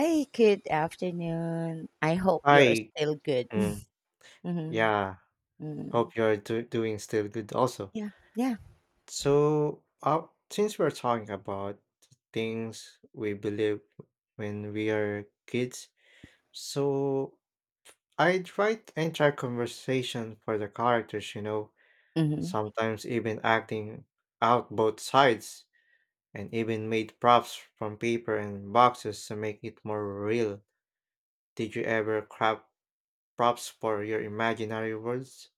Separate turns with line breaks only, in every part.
Hey, good afternoon. I hope you're
Hi.
still good.
Mm,
hmm
yeah.
hmm
Hope you're do doing still good also.
Yeah, yeah.
So, since we're talking about things we believe when we are kids, so I'd write entire conversation for the characters,
hmm
sometimes even acting out both sides, and even made props from paper and boxes to make it more real. Did you ever craft props for your imaginary worlds?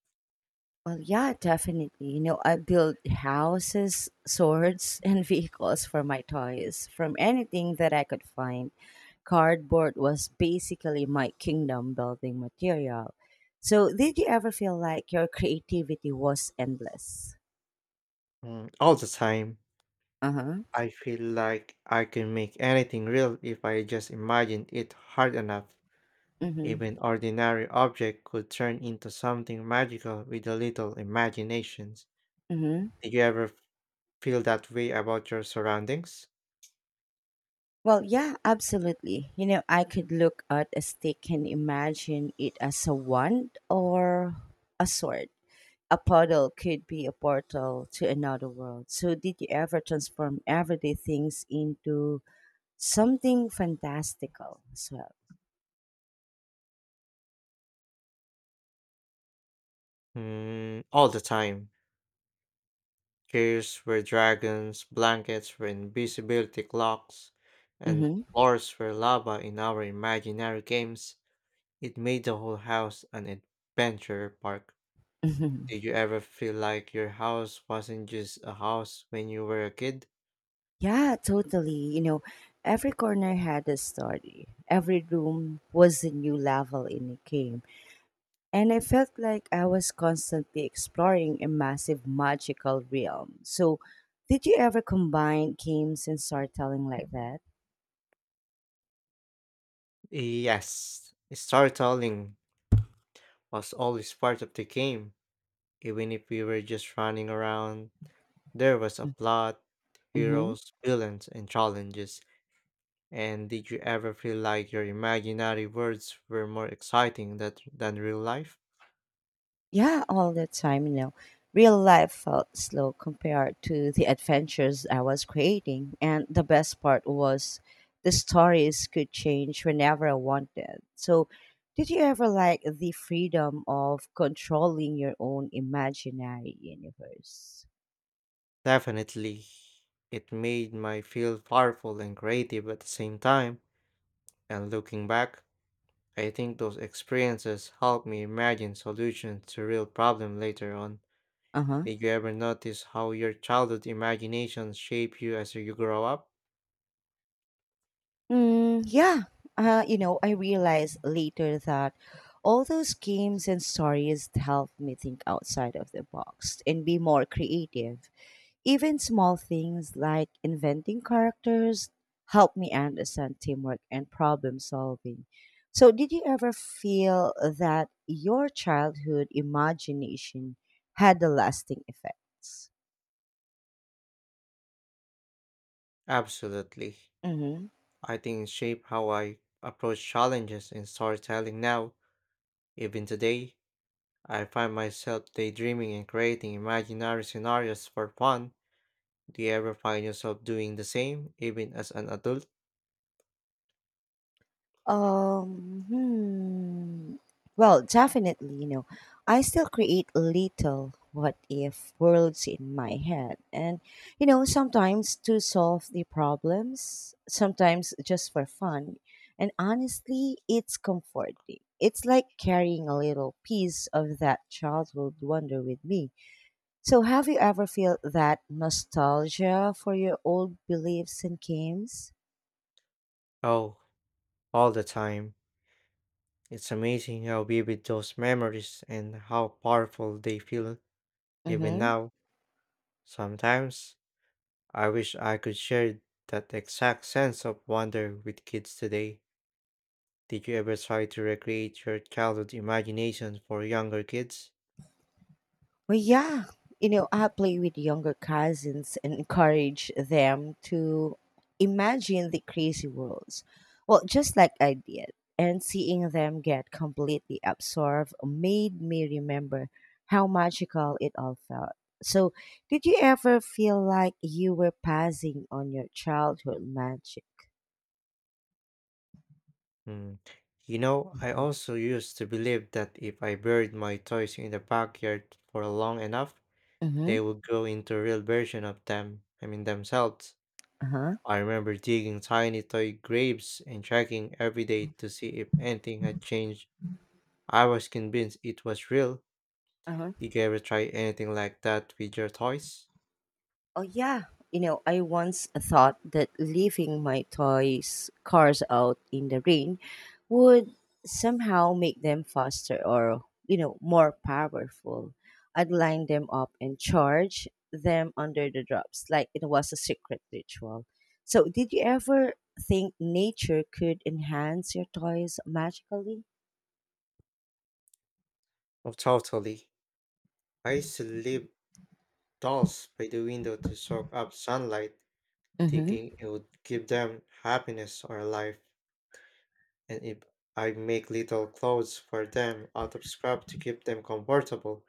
Well, yeah, definitely. You know, I build houses, swords, and vehicles for my toys from anything that I could find. Cardboard was basically my kingdom building material. So, did you ever feel like your creativity was endless?
All the time.
Uh huh.
I feel like I can make anything real if I just imagine it hard enough.
Mm hmm.
Even ordinary object could turn into something magical with a little imaginations.
Mm hmm.
Did you ever feel that way about your surroundings?
Well, yeah, absolutely. You know, I could look at a stick and imagine it as a wand or a sword. A puddle could be a portal to another world. So, did you ever transform everyday things into something fantastical as well?
All the time. Caves were dragons, blankets were invisibility clocks, and
Mm-hmm.
floors were lava in our imaginary games. It made the whole house an adventure park.
Mm-hmm.
Did you ever feel like your house wasn't just a house when you were a kid?
Yeah, totally. You know, every corner had a story. Every room was a new level in a game. And I felt like I was constantly exploring a massive magical realm. So, did you ever combine games and storytelling like that?
Yes, storytelling was always part of the game. Even if we were just running around, there was a plot,
hmm
heroes, villains, and challenges. And did you ever feel like your imaginary worlds were more exciting than real life?
Yeah, all the time, you know. Real life felt slow compared to the adventures I was creating. And the best part was the stories could change whenever I wanted. So, did you ever like the freedom of controlling your own imaginary universe?
Definitely. It made me feel powerful and creative at the same time. And looking back, I think those experiences help me imagine solutions to real problems later on.
Uh huh.
Did you ever notice how your childhood imaginations shape you as you grow up?
Mm, yeah. You know, I realized later that all those games and stories helped me think outside of the box and be more creative. Even small things like inventing characters helped me understand teamwork and problem solving. So, did you ever feel that your childhood imagination had a lasting effects?
Absolutely. I think it shaped how I approach challenges in storytelling now. Even today, I find myself daydreaming and creating imaginary scenarios for fun. Do you ever find yourself doing the same, even as an adult?
Um, hmm. Well, definitely, you know, I still create little what if worlds in my head. And, you know, sometimes to solve the problems, sometimes just for fun. And honestly, it's comforting. It's like carrying a little piece of that childhood wonder with me. So, have you ever felt that nostalgia for your old beliefs and games?
Oh, all the time. It's amazing how vivid those memories and how powerful they feel
Mm
even
hmm.
now. Sometimes I wish I could share that exact sense of wonder with kids today. Did you ever try to recreate your childhood imagination for younger kids?
Well, yeah, you know, I play with younger cousins and encourage them to imagine the crazy worlds. Well, just like I did. And seeing them get completely absorbed made me remember how magical it all felt. So, did you ever feel like you were passing on your childhood magic?
Hmm. You know, I also used to believe that if I buried my toys in the backyard for long enough,
Mm-hmm.
they would grow into a real version of themselves.
Uh huh. Uh
I remember digging tiny toy graves and checking every day to see if anything had changed. I was convinced it was real.
huh.
Did you ever try anything like that with your toys?
Oh yeah, you know, I once thought that leaving my toys cars out in the rain would somehow make them faster or, you know, more powerful. I'd line them up and charge them under the drops like it was a secret ritual. So, did you ever think nature could enhance your toys magically?
Oh, totally. I used to leave dolls by the window to soak up sunlight,
Mm-hmm.
thinking it would give them happiness or life. And if I make little clothes for them out of scrap to keep them comfortable,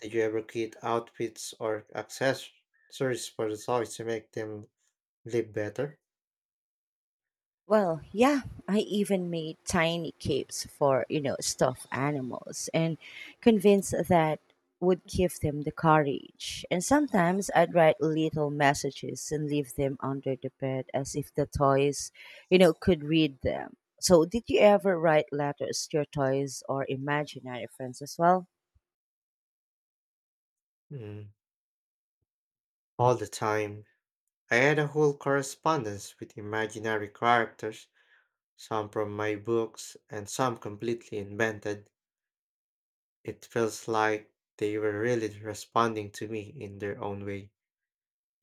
did you ever create outfits or accessories for the toys to make them live better?
Well, yeah, I even made tiny capes for, you know, stuffed animals and convinced that would give them the courage. And sometimes I'd write little messages and leave them under the bed as if the toys, you know, could read them. So, did you ever write letters to your toys or imaginary friends as well?
Mm, all the time. I had a whole correspondence with imaginary characters, some from my books and some completely invented. It feels like they were really responding to me in their own way.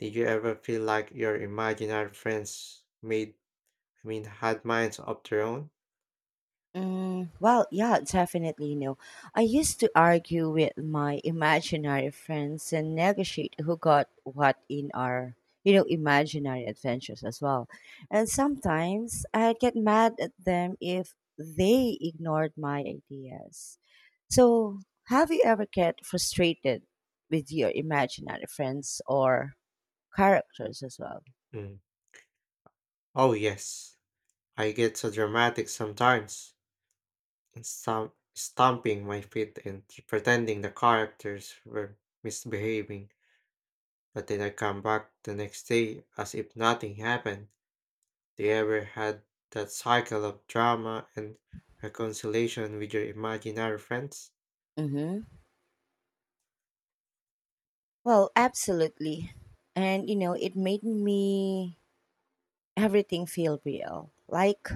Did you ever feel like your imaginary friends had minds of their own?
Mm, well, yeah, definitely no. I used to argue with my imaginary friends and negotiate who got what in our, you know, imaginary adventures as well. And sometimes I'd get mad at them if they ignored my ideas. So, have you ever get frustrated with your imaginary friends or characters as well?
Mm. Oh, yes. I get so dramatic sometimes, and stomping my feet and pretending the characters were misbehaving. But then I come back the next day as if nothing happened. They ever had that cycle of drama and reconciliation with your imaginary friends?
Mm-hmm. Well, absolutely. And, you know, it made me everything feel real. Like,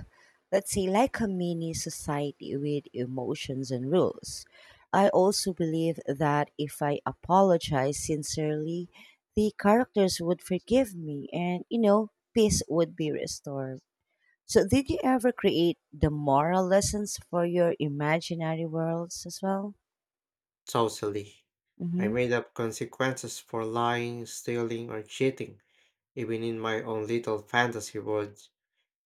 let's say, like a mini society with emotions and rules. I also believe that if I apologize sincerely, the characters would forgive me and, you know, peace would be restored. So, did you ever create the moral lessons for your imaginary worlds as well?
Totally. I
Mm-hmm.
made up consequences for lying, stealing, or cheating, even in my own little fantasy world.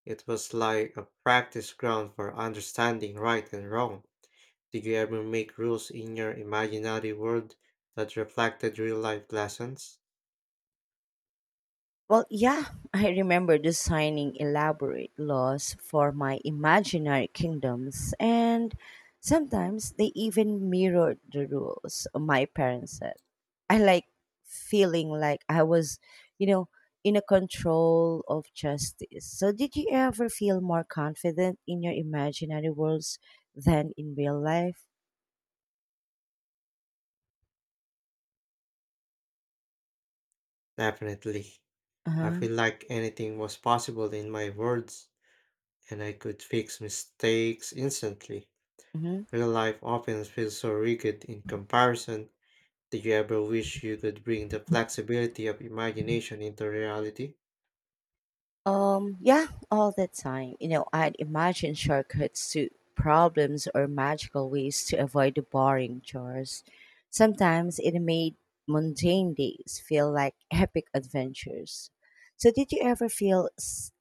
It was like a practice ground for understanding right and wrong. Did you ever make rules in your imaginary world that reflected real life lessons?
Well, yeah, I remember designing elaborate laws for my imaginary kingdoms, and sometimes they even mirrored the rules my parents set. I like feeling like I was, you know, in a control of justice. So, did you ever feel more confident in your imaginary worlds than in real life?
Definitely. I
Uh
feel like anything was possible in my words, and I could fix mistakes instantly.
huh.
Real life often feels so rigid in comparison. Did you ever wish you could bring the flexibility of imagination into reality?
Yeah, all the time. You know, I'd imagine shortcuts to problems or magical ways to avoid the boring chores. Sometimes it made mundane days feel like epic adventures. So, did you ever feel,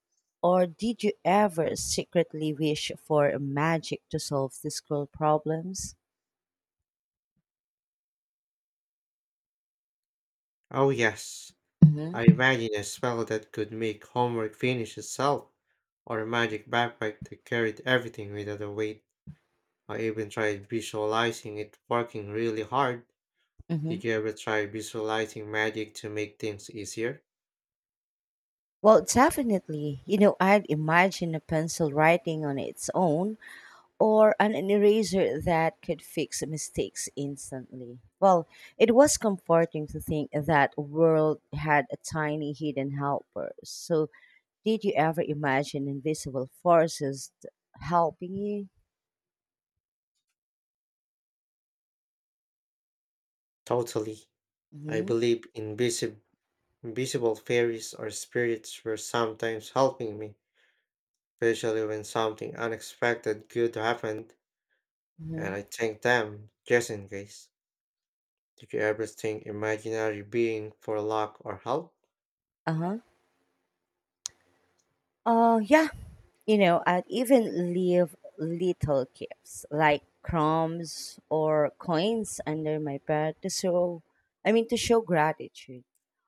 or did you ever secretly wish for magic to solve the school problems?
Oh, yes. I
Mm-hmm.
imagine a spell that could make homework finish itself, or a magic backpack that carried everything without a weight. I even tried visualizing it working really hard.
Mm-hmm.
Did you ever try visualizing magic to make things easier?
Well, definitely. You know, I'd imagine a pencil writing on its own or an eraser that could fix mistakes instantly. Well, it was comforting to think that world had a tiny hidden helper. So, did you ever imagine invisible forces helping you?
Totally. I
Mm-hmm.
believe invisible fairies or spirits were sometimes helping me, especially when something unexpected good happened, and
Mm-hmm.
I thank them just in case. Did you ever think imaginary being for luck or help?
Uh huh. Yeah, you know, I'd even leave little gifts like crumbs or coins under my bed to show, I mean, to show gratitude.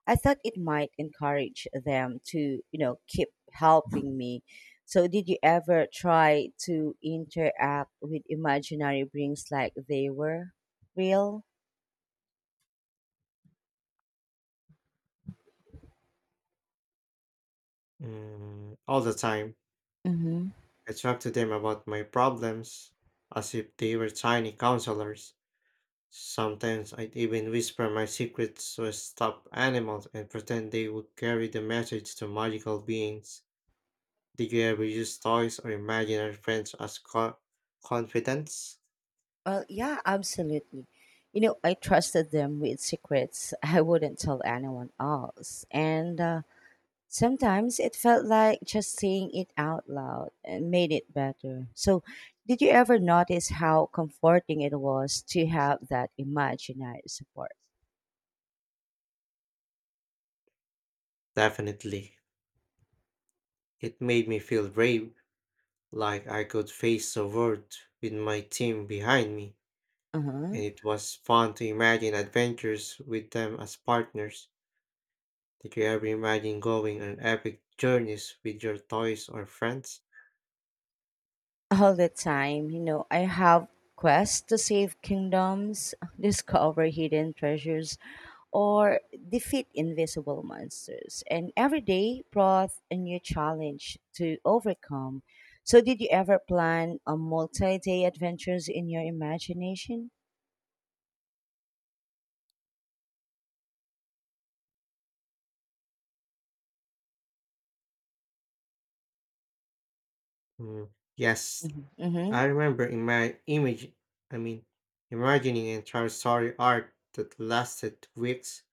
I thought it might encourage them to, you know, keep helping me. So, did you ever try to interact with imaginary beings like they were real?
All the time.
Mm-hmm.
I talk to them about my problems as if they were tiny counselors. Sometimes I'd even whisper my secrets to a stuffed animals and pretend they would carry the message to magical beings. Did you ever use toys or imaginary friends as confidence?
Well, yeah, absolutely. You know, I trusted them with secrets I wouldn't tell anyone else. And sometimes it felt like just saying it out loud and made it better. So, did you ever notice how comforting it was to have that imaginary support?
Definitely. It made me feel brave, like I could face the world with my team behind me,
Uh-huh.
and it was fun to imagine adventures with them as partners. Did you ever imagine going on epic journeys with your toys or friends?
All the time. You know, I have quests to save kingdoms, discover hidden treasures, or defeat invisible monsters. And every day brought a new challenge to overcome. So, did you ever plan a multi day adventures in your imagination?
Mm, Yes,
Mm-hmm. Mm-hmm.
I remember I mean, imagining entire story arc that lasted weeks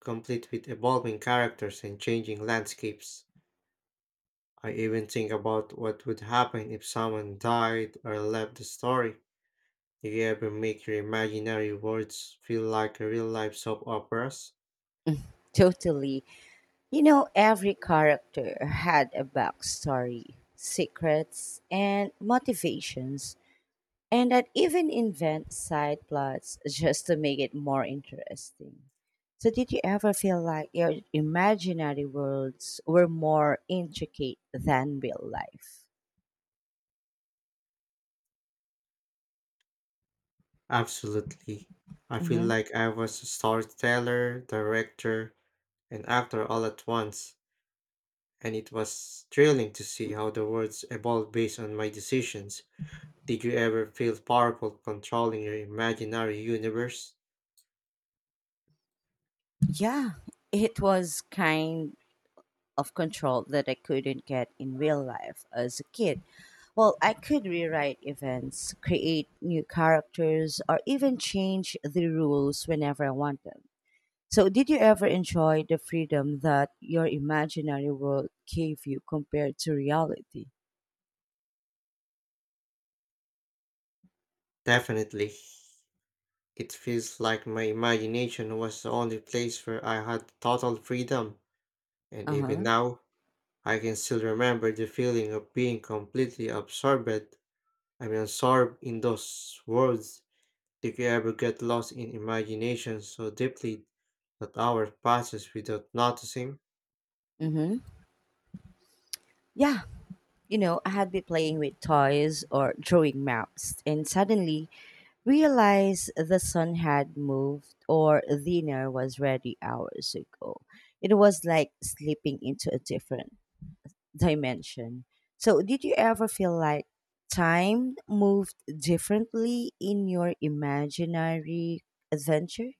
complete with evolving characters and changing landscapes. I even think about what would happen if someone died or left the story. Do you ever make your imaginary worlds feel like real life soap operas?
Totally. You know, every character had a backstory, secrets, and motivations. And I'd even invent side plots just to make it more interesting. So, did you ever feel like your imaginary worlds were more intricate than real life?
Absolutely. I feel
hmm
like I was a storyteller, director, and actor all at once, and it was thrilling to see how the words evolved based on my decisions. Did you ever feel powerful controlling your imaginary universe?
Yeah, it was kind of control that I couldn't get in real life as a kid. Well, I could rewrite events, create new characters, or even change the rules whenever I wanted. So, did you ever enjoy the freedom that your imaginary world gave you compared to reality?
Definitely. It feels like my imagination was the only place where I had total freedom, and
Uh
even
huh.
now, I can still remember the feeling of being completely absorbed. Absorbed in those words. Did you ever get lost in imagination so deeply that hours passes without noticing?
Mm-hmm. Yeah. You know, I had been playing with toys or drawing maps and suddenly realized the sun had moved or dinner was ready hours ago. It was like slipping into a different dimension. So, did you ever feel like time moved differently in your imaginary adventure?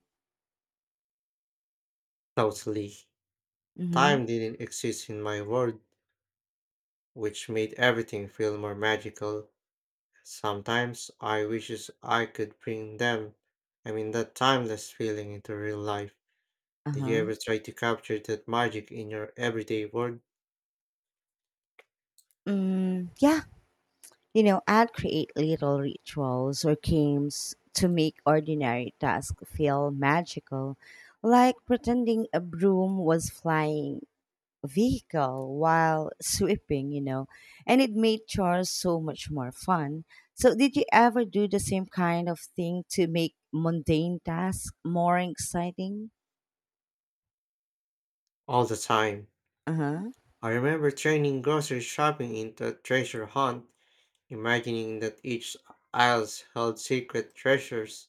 Totally.
Mm-hmm.
Time didn't exist in my world, which made everything feel more magical. Sometimes I wishes I could bring them, I mean that timeless feeling into real life. Did you
Uh-huh.
ever try to capture that magic in your everyday world?
Mm, yeah. You know, I'd create little rituals or games to make ordinary tasks feel magical, like pretending a broom was flying vehicle while sweeping, you know, and it made chores so much more fun. So, did you ever do the same kind of thing to make mundane tasks more exciting?
All the time.
Uh huh.
I remember turning grocery shopping into a treasure hunt, imagining that each aisles held secret treasures,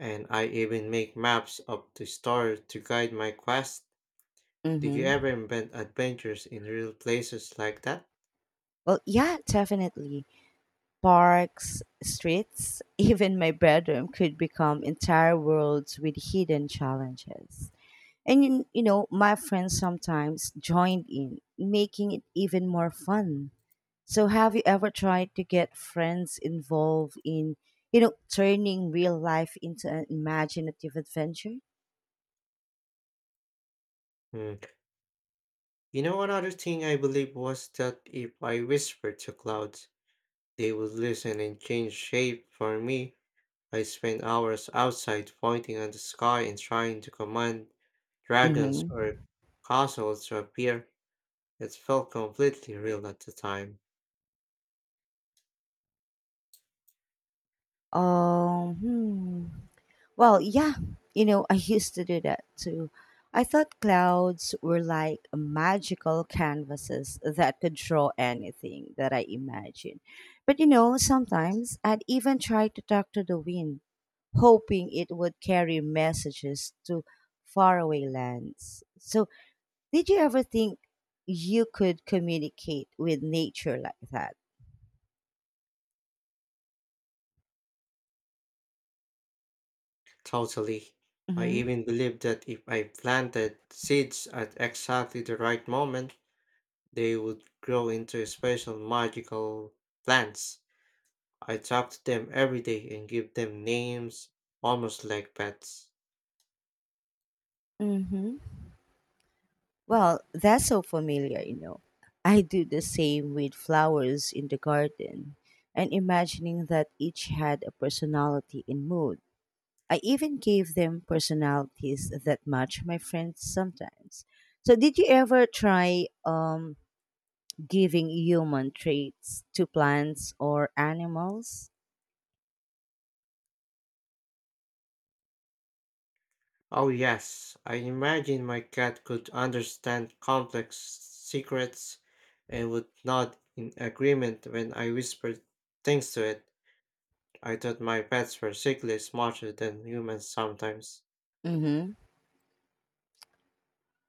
and I even make maps of the store to guide my quest. Did you ever
Mm-hmm.
invent adventures in real places like that?
Well, yeah, definitely. Parks, streets, even my bedroom could become entire worlds with hidden challenges. And you know, my friends sometimes joined in, making it even more fun. So, have you ever tried to get friends involved in, you know, turning real life into an imaginative adventure?
Hmm. You know, another thing I believe was that if I whispered to clouds, they would listen and change shape for me. I spent hours outside pointing at the sky and trying to command dragons
Mm-hmm.
or castles to appear. It felt completely real at the time.
Um, hmm. Well, yeah, you know, I used to do that too. I thought clouds were like magical canvases that could draw anything that I imagined. But you know, sometimes I'd even try to talk to the wind, hoping it would carry messages to faraway lands. So, did you ever think you could communicate with nature like that?
Totally. I
Mm-hmm.
even believed that if I planted seeds at exactly the right moment, they would grow into special magical plants. I talk to them every day and give them names, almost like pets.
Mm-hmm. Well, that's so familiar, you know. I do the same with flowers in the garden and imagining that each had a personality and mood. I even gave them personalities that match my friends sometimes. So, did you ever try giving human traits to plants or animals?
Oh, yes, I imagine my cat could understand complex secrets and would nod in agreement when I whispered things to it. I thought my pets were secretly smarter than humans sometimes.
Mm-hmm.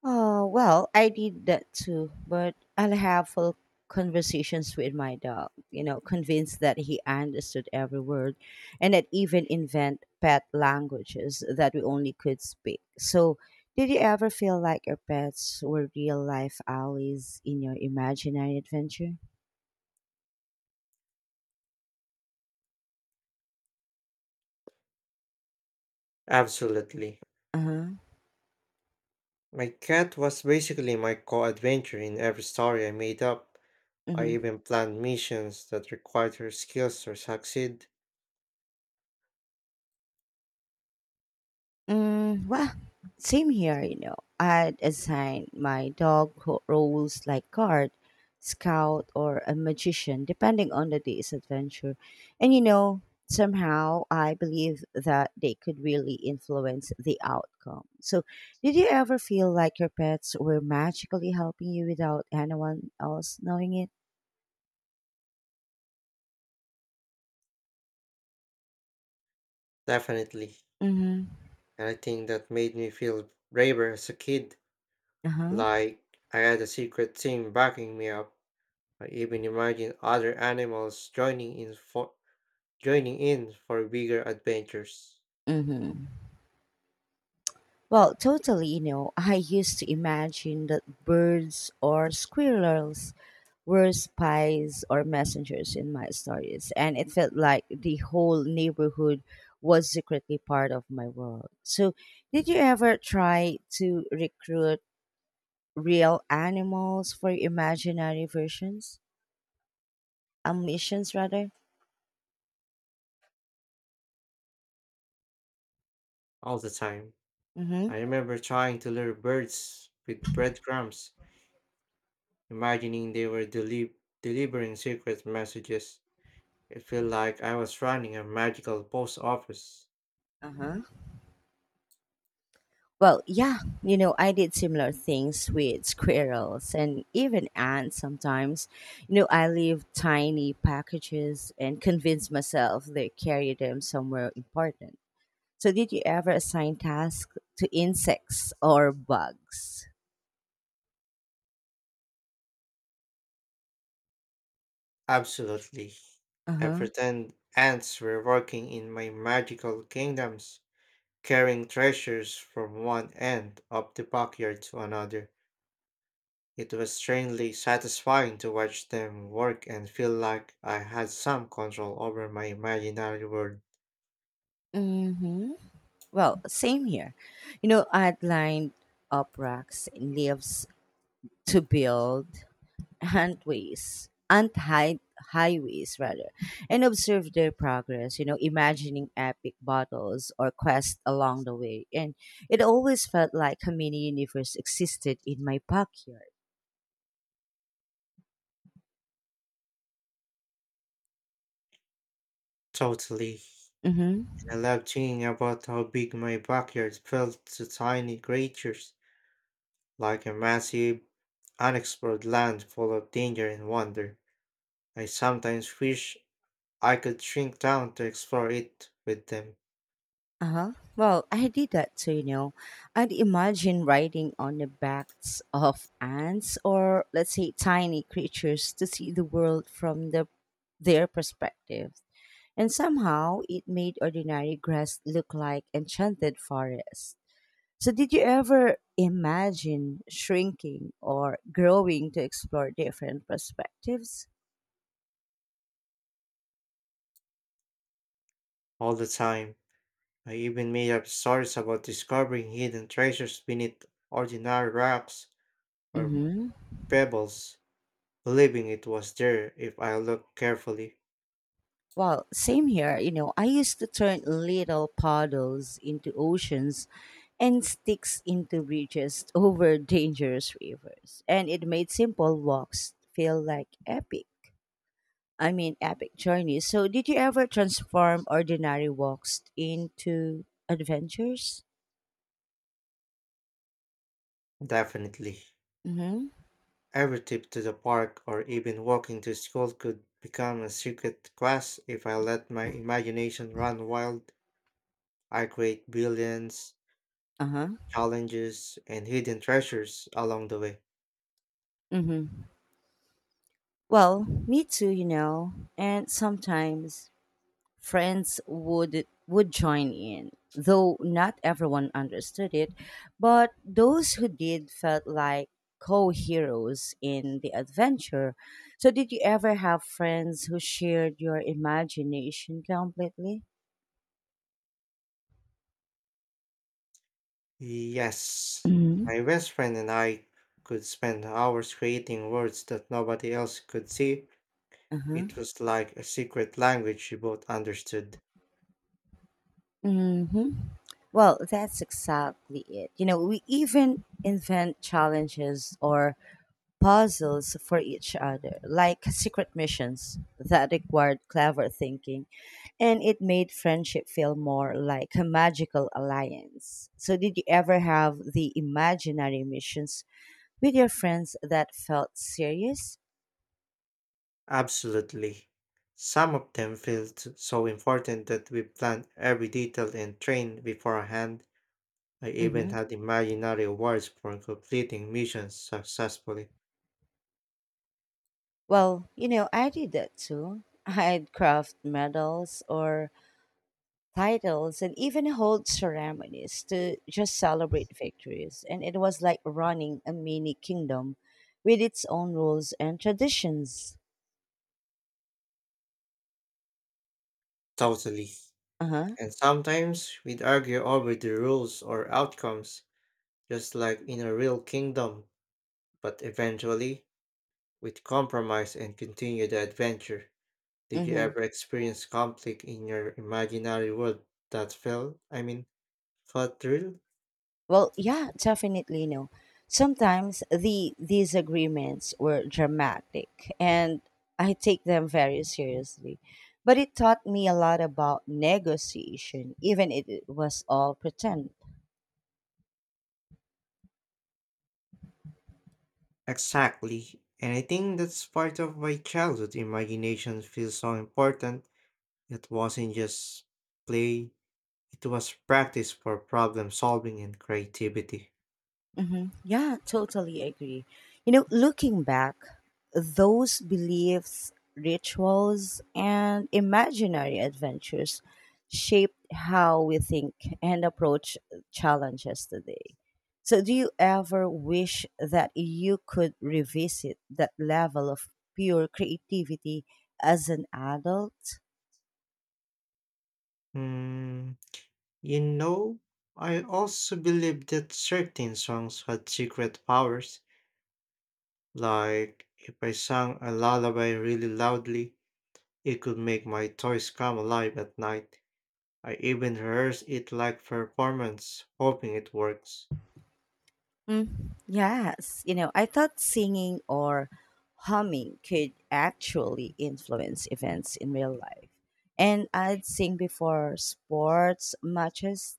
Oh, well, I did that too, but I'll have full conversations with my dog, you know, convinced that he understood every word and that even invent pet languages that we only could speak. So, did you ever feel like your pets were real life allies in your imaginary adventure?
Absolutely.
Uh
My cat was basically my co adventure in every story I made up. I
huh.
even planned missions that required her skills to succeed.
Mm, well, same here, you know. I'd assign my dog roles like guard, scout, or a magician, depending on the day's adventure. And, you know, somehow I believe that they could really influence the outcome. So, did you ever feel like your pets were magically helping you without anyone else knowing it?
Definitely.
Mm-hmm.
And I think that made me feel braver as a kid,
Uh-huh.
like I had a secret team backing me up. I even imagined other animals joining in for bigger adventures
Mm-hmm. Well, totally, you know, I used to imagine that birds or squirrels were spies or messengers in my stories, and it felt like the whole neighborhood was secretly part of my world. So, did you ever try to recruit real animals for imaginary versions? Missions rather?
all the time.
Mm-hmm.
I remember trying to lure birds with breadcrumbs, imagining they were delivering secret messages. It felt like I was running a magical post office.
Uh-huh. Well, yeah, you know, I did similar things with squirrels and even ants sometimes. You know, I leave tiny packages and convince myself they carry them somewhere important. So did you ever assign tasks to insects or bugs?
Absolutely. I
Uh-huh.
pretend ants were working in my magical kingdoms carrying treasures from one end of the backyard to another. It was strangely satisfying to watch them work and feel like I had some control over my imaginary world.
Mm-hmm. Well, same here. You know, I'd lined up racks and leaves to build antways, ant hide highways rather, and observe their progress, you know, imagining epic battles or quests along the way. And it always felt like a mini universe existed in my backyard.
Totally.
Mm-hmm.
And I loved thinking about how big my backyard felt to tiny creatures, like a massive, unexplored land full of danger and wonder. I sometimes wish I could shrink down to explore it with them
Uh-huh. Well, I did that too, you know. I'd imagine riding on the backs of ants or let's say tiny creatures to see the world from their perspective. And somehow it made ordinary grass look like enchanted forest. So did you ever imagine shrinking or growing to explore different perspectives?
all the time. I even made up stories about discovering hidden treasures beneath ordinary rocks or
Mm-hmm.
pebbles, believing it was there if I looked carefully.
Well, same here. You know, I used to turn little puddles into oceans and sticks into bridges over dangerous rivers. And it made simple walks feel like epic. I mean, epic journeys. So, did you ever transform ordinary walks into adventures?
Definitely.
Mm-hmm.
Every trip to the park or even walking to school could become a secret quest if I let my imagination run wild. I create billions,
Uh huh.
challenges, and hidden treasures along the way.
Mm-hmm. Well, me too, you know. And sometimes Friends would join in, though not everyone understood it, but those who did felt like co-heroes in the adventure. So did you ever have friends who shared your imagination completely?
Yes,
Mm-hmm.
my best friend and I could spend hours creating words that nobody else could see. It
Uh-huh.
was like a secret language we both understood.
Mm-hmm. Well, that's exactly it. You know, we even invent challenges or puzzles for each other, like secret missions that required clever thinking, and it made friendship feel more like a magical alliance. So, did you ever have the imaginary missions with your friends that felt serious?
Absolutely. Some of them felt so important that we planned every detail and trained beforehand. I even
hmm
had imaginary awards for completing missions successfully.
Well, you know, I did that too. I'd craft medals or titles and even hold ceremonies to just celebrate victories. And it was like running a mini kingdom with its own rules and traditions.
Totally.
Uh huh.
And sometimes we'd argue over the rules or outcomes, just like in a real kingdom. But eventually, with compromise and continue the adventure, did you
Mm-hmm.
ever experience conflict in your imaginary world that felt real?
Well, yeah, definitely. No, sometimes the disagreements were dramatic, and I take them very seriously. But it taught me a lot about negotiation, even if it was all pretend.
Exactly. And I think that's part of why childhood imagination feels so important. It wasn't just play, it was practice for problem solving and creativity.
Yeah, totally agree. You know, looking back, those beliefs, rituals, and imaginary adventures shaped how we think and approach challenges today. So, do you ever wish that you could revisit that level of pure creativity as an adult?
Hmm, you know, I also believe that certain songs had secret powers. Like, if I sang a lullaby really loudly, it could make my toys come alive at night. I even rehearse it like performance, hoping it works.
Mm, yes, you know, I thought singing or humming could actually influence events in real life. And I'd sing before sports matches,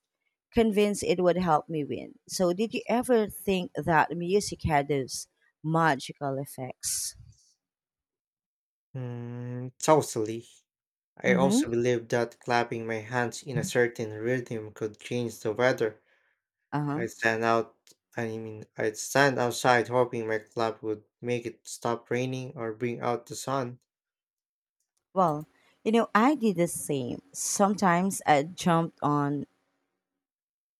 convinced it would help me win. So, did you ever think that music had those magical effects?
Totally. I
Mm-hmm.
also believe that clapping my hands in a certain rhythm could change the weather.
Uh-huh.
I'd stand out, I'd stand outside hoping my clap would make it stop raining or bring out the sun.
Well, you know, I did the same. Sometimes I jumped on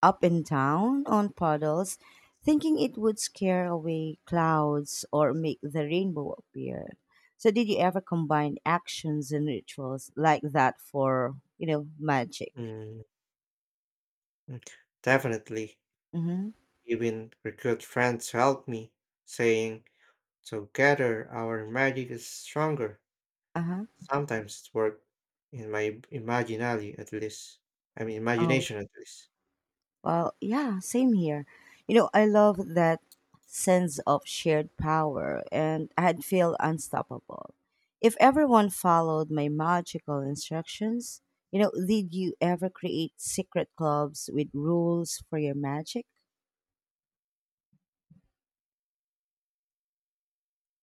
up and down on puddles, thinking it would scare away clouds or make the rainbow appear. So, did you ever combine actions and rituals like that for, you know, magic?
Mm, mm, Definitely.
Mm-hmm.
Even recruit friends helped me, saying, together our magic is stronger.
Uh
Sometimes it worked in my imaginary at least. I mean
huh.
imagination at least.
Well, yeah, same here. You know, I love that sense of shared power and I'd feel unstoppable. If everyone followed my magical instructions, you know, did you ever create secret clubs with rules for your magic?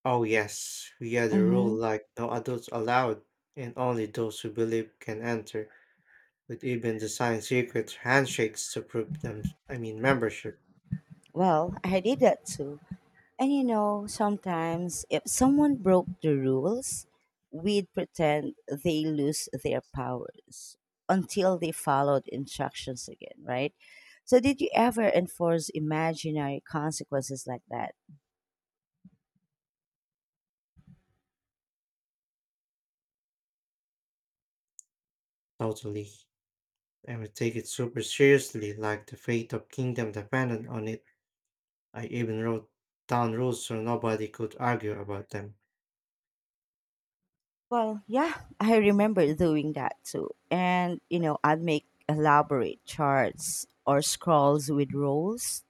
Oh yes, we had a rule
Mm-hmm.
like no adults allowed and only those who believe can enter, with even design secret handshakes to prove them I mean membership.
Well, I did that too. And you know, sometimes if someone broke the rules, we'd pretend they lose their powers until they followed instructions again, right? So, did you ever enforce imaginary consequences like that?
Totally. And we take it super seriously, like the fate of kingdom depended on it. I even wrote down rules so nobody could argue about them.
Well, yeah, I remember doing that too. And, you know, I'd make elaborate charts or scrolls with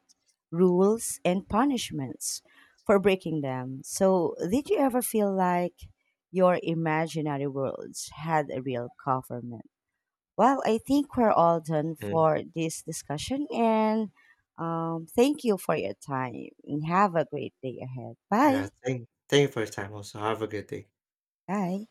rules and punishments for breaking them. So, did you ever feel like your imaginary worlds had a real government? Well, I think we're all done
Mm.
for this discussion, and thank you for your time. And have a great day ahead.
Yeah,
Bye.
thank you for your time also. Have a good day.
Bye.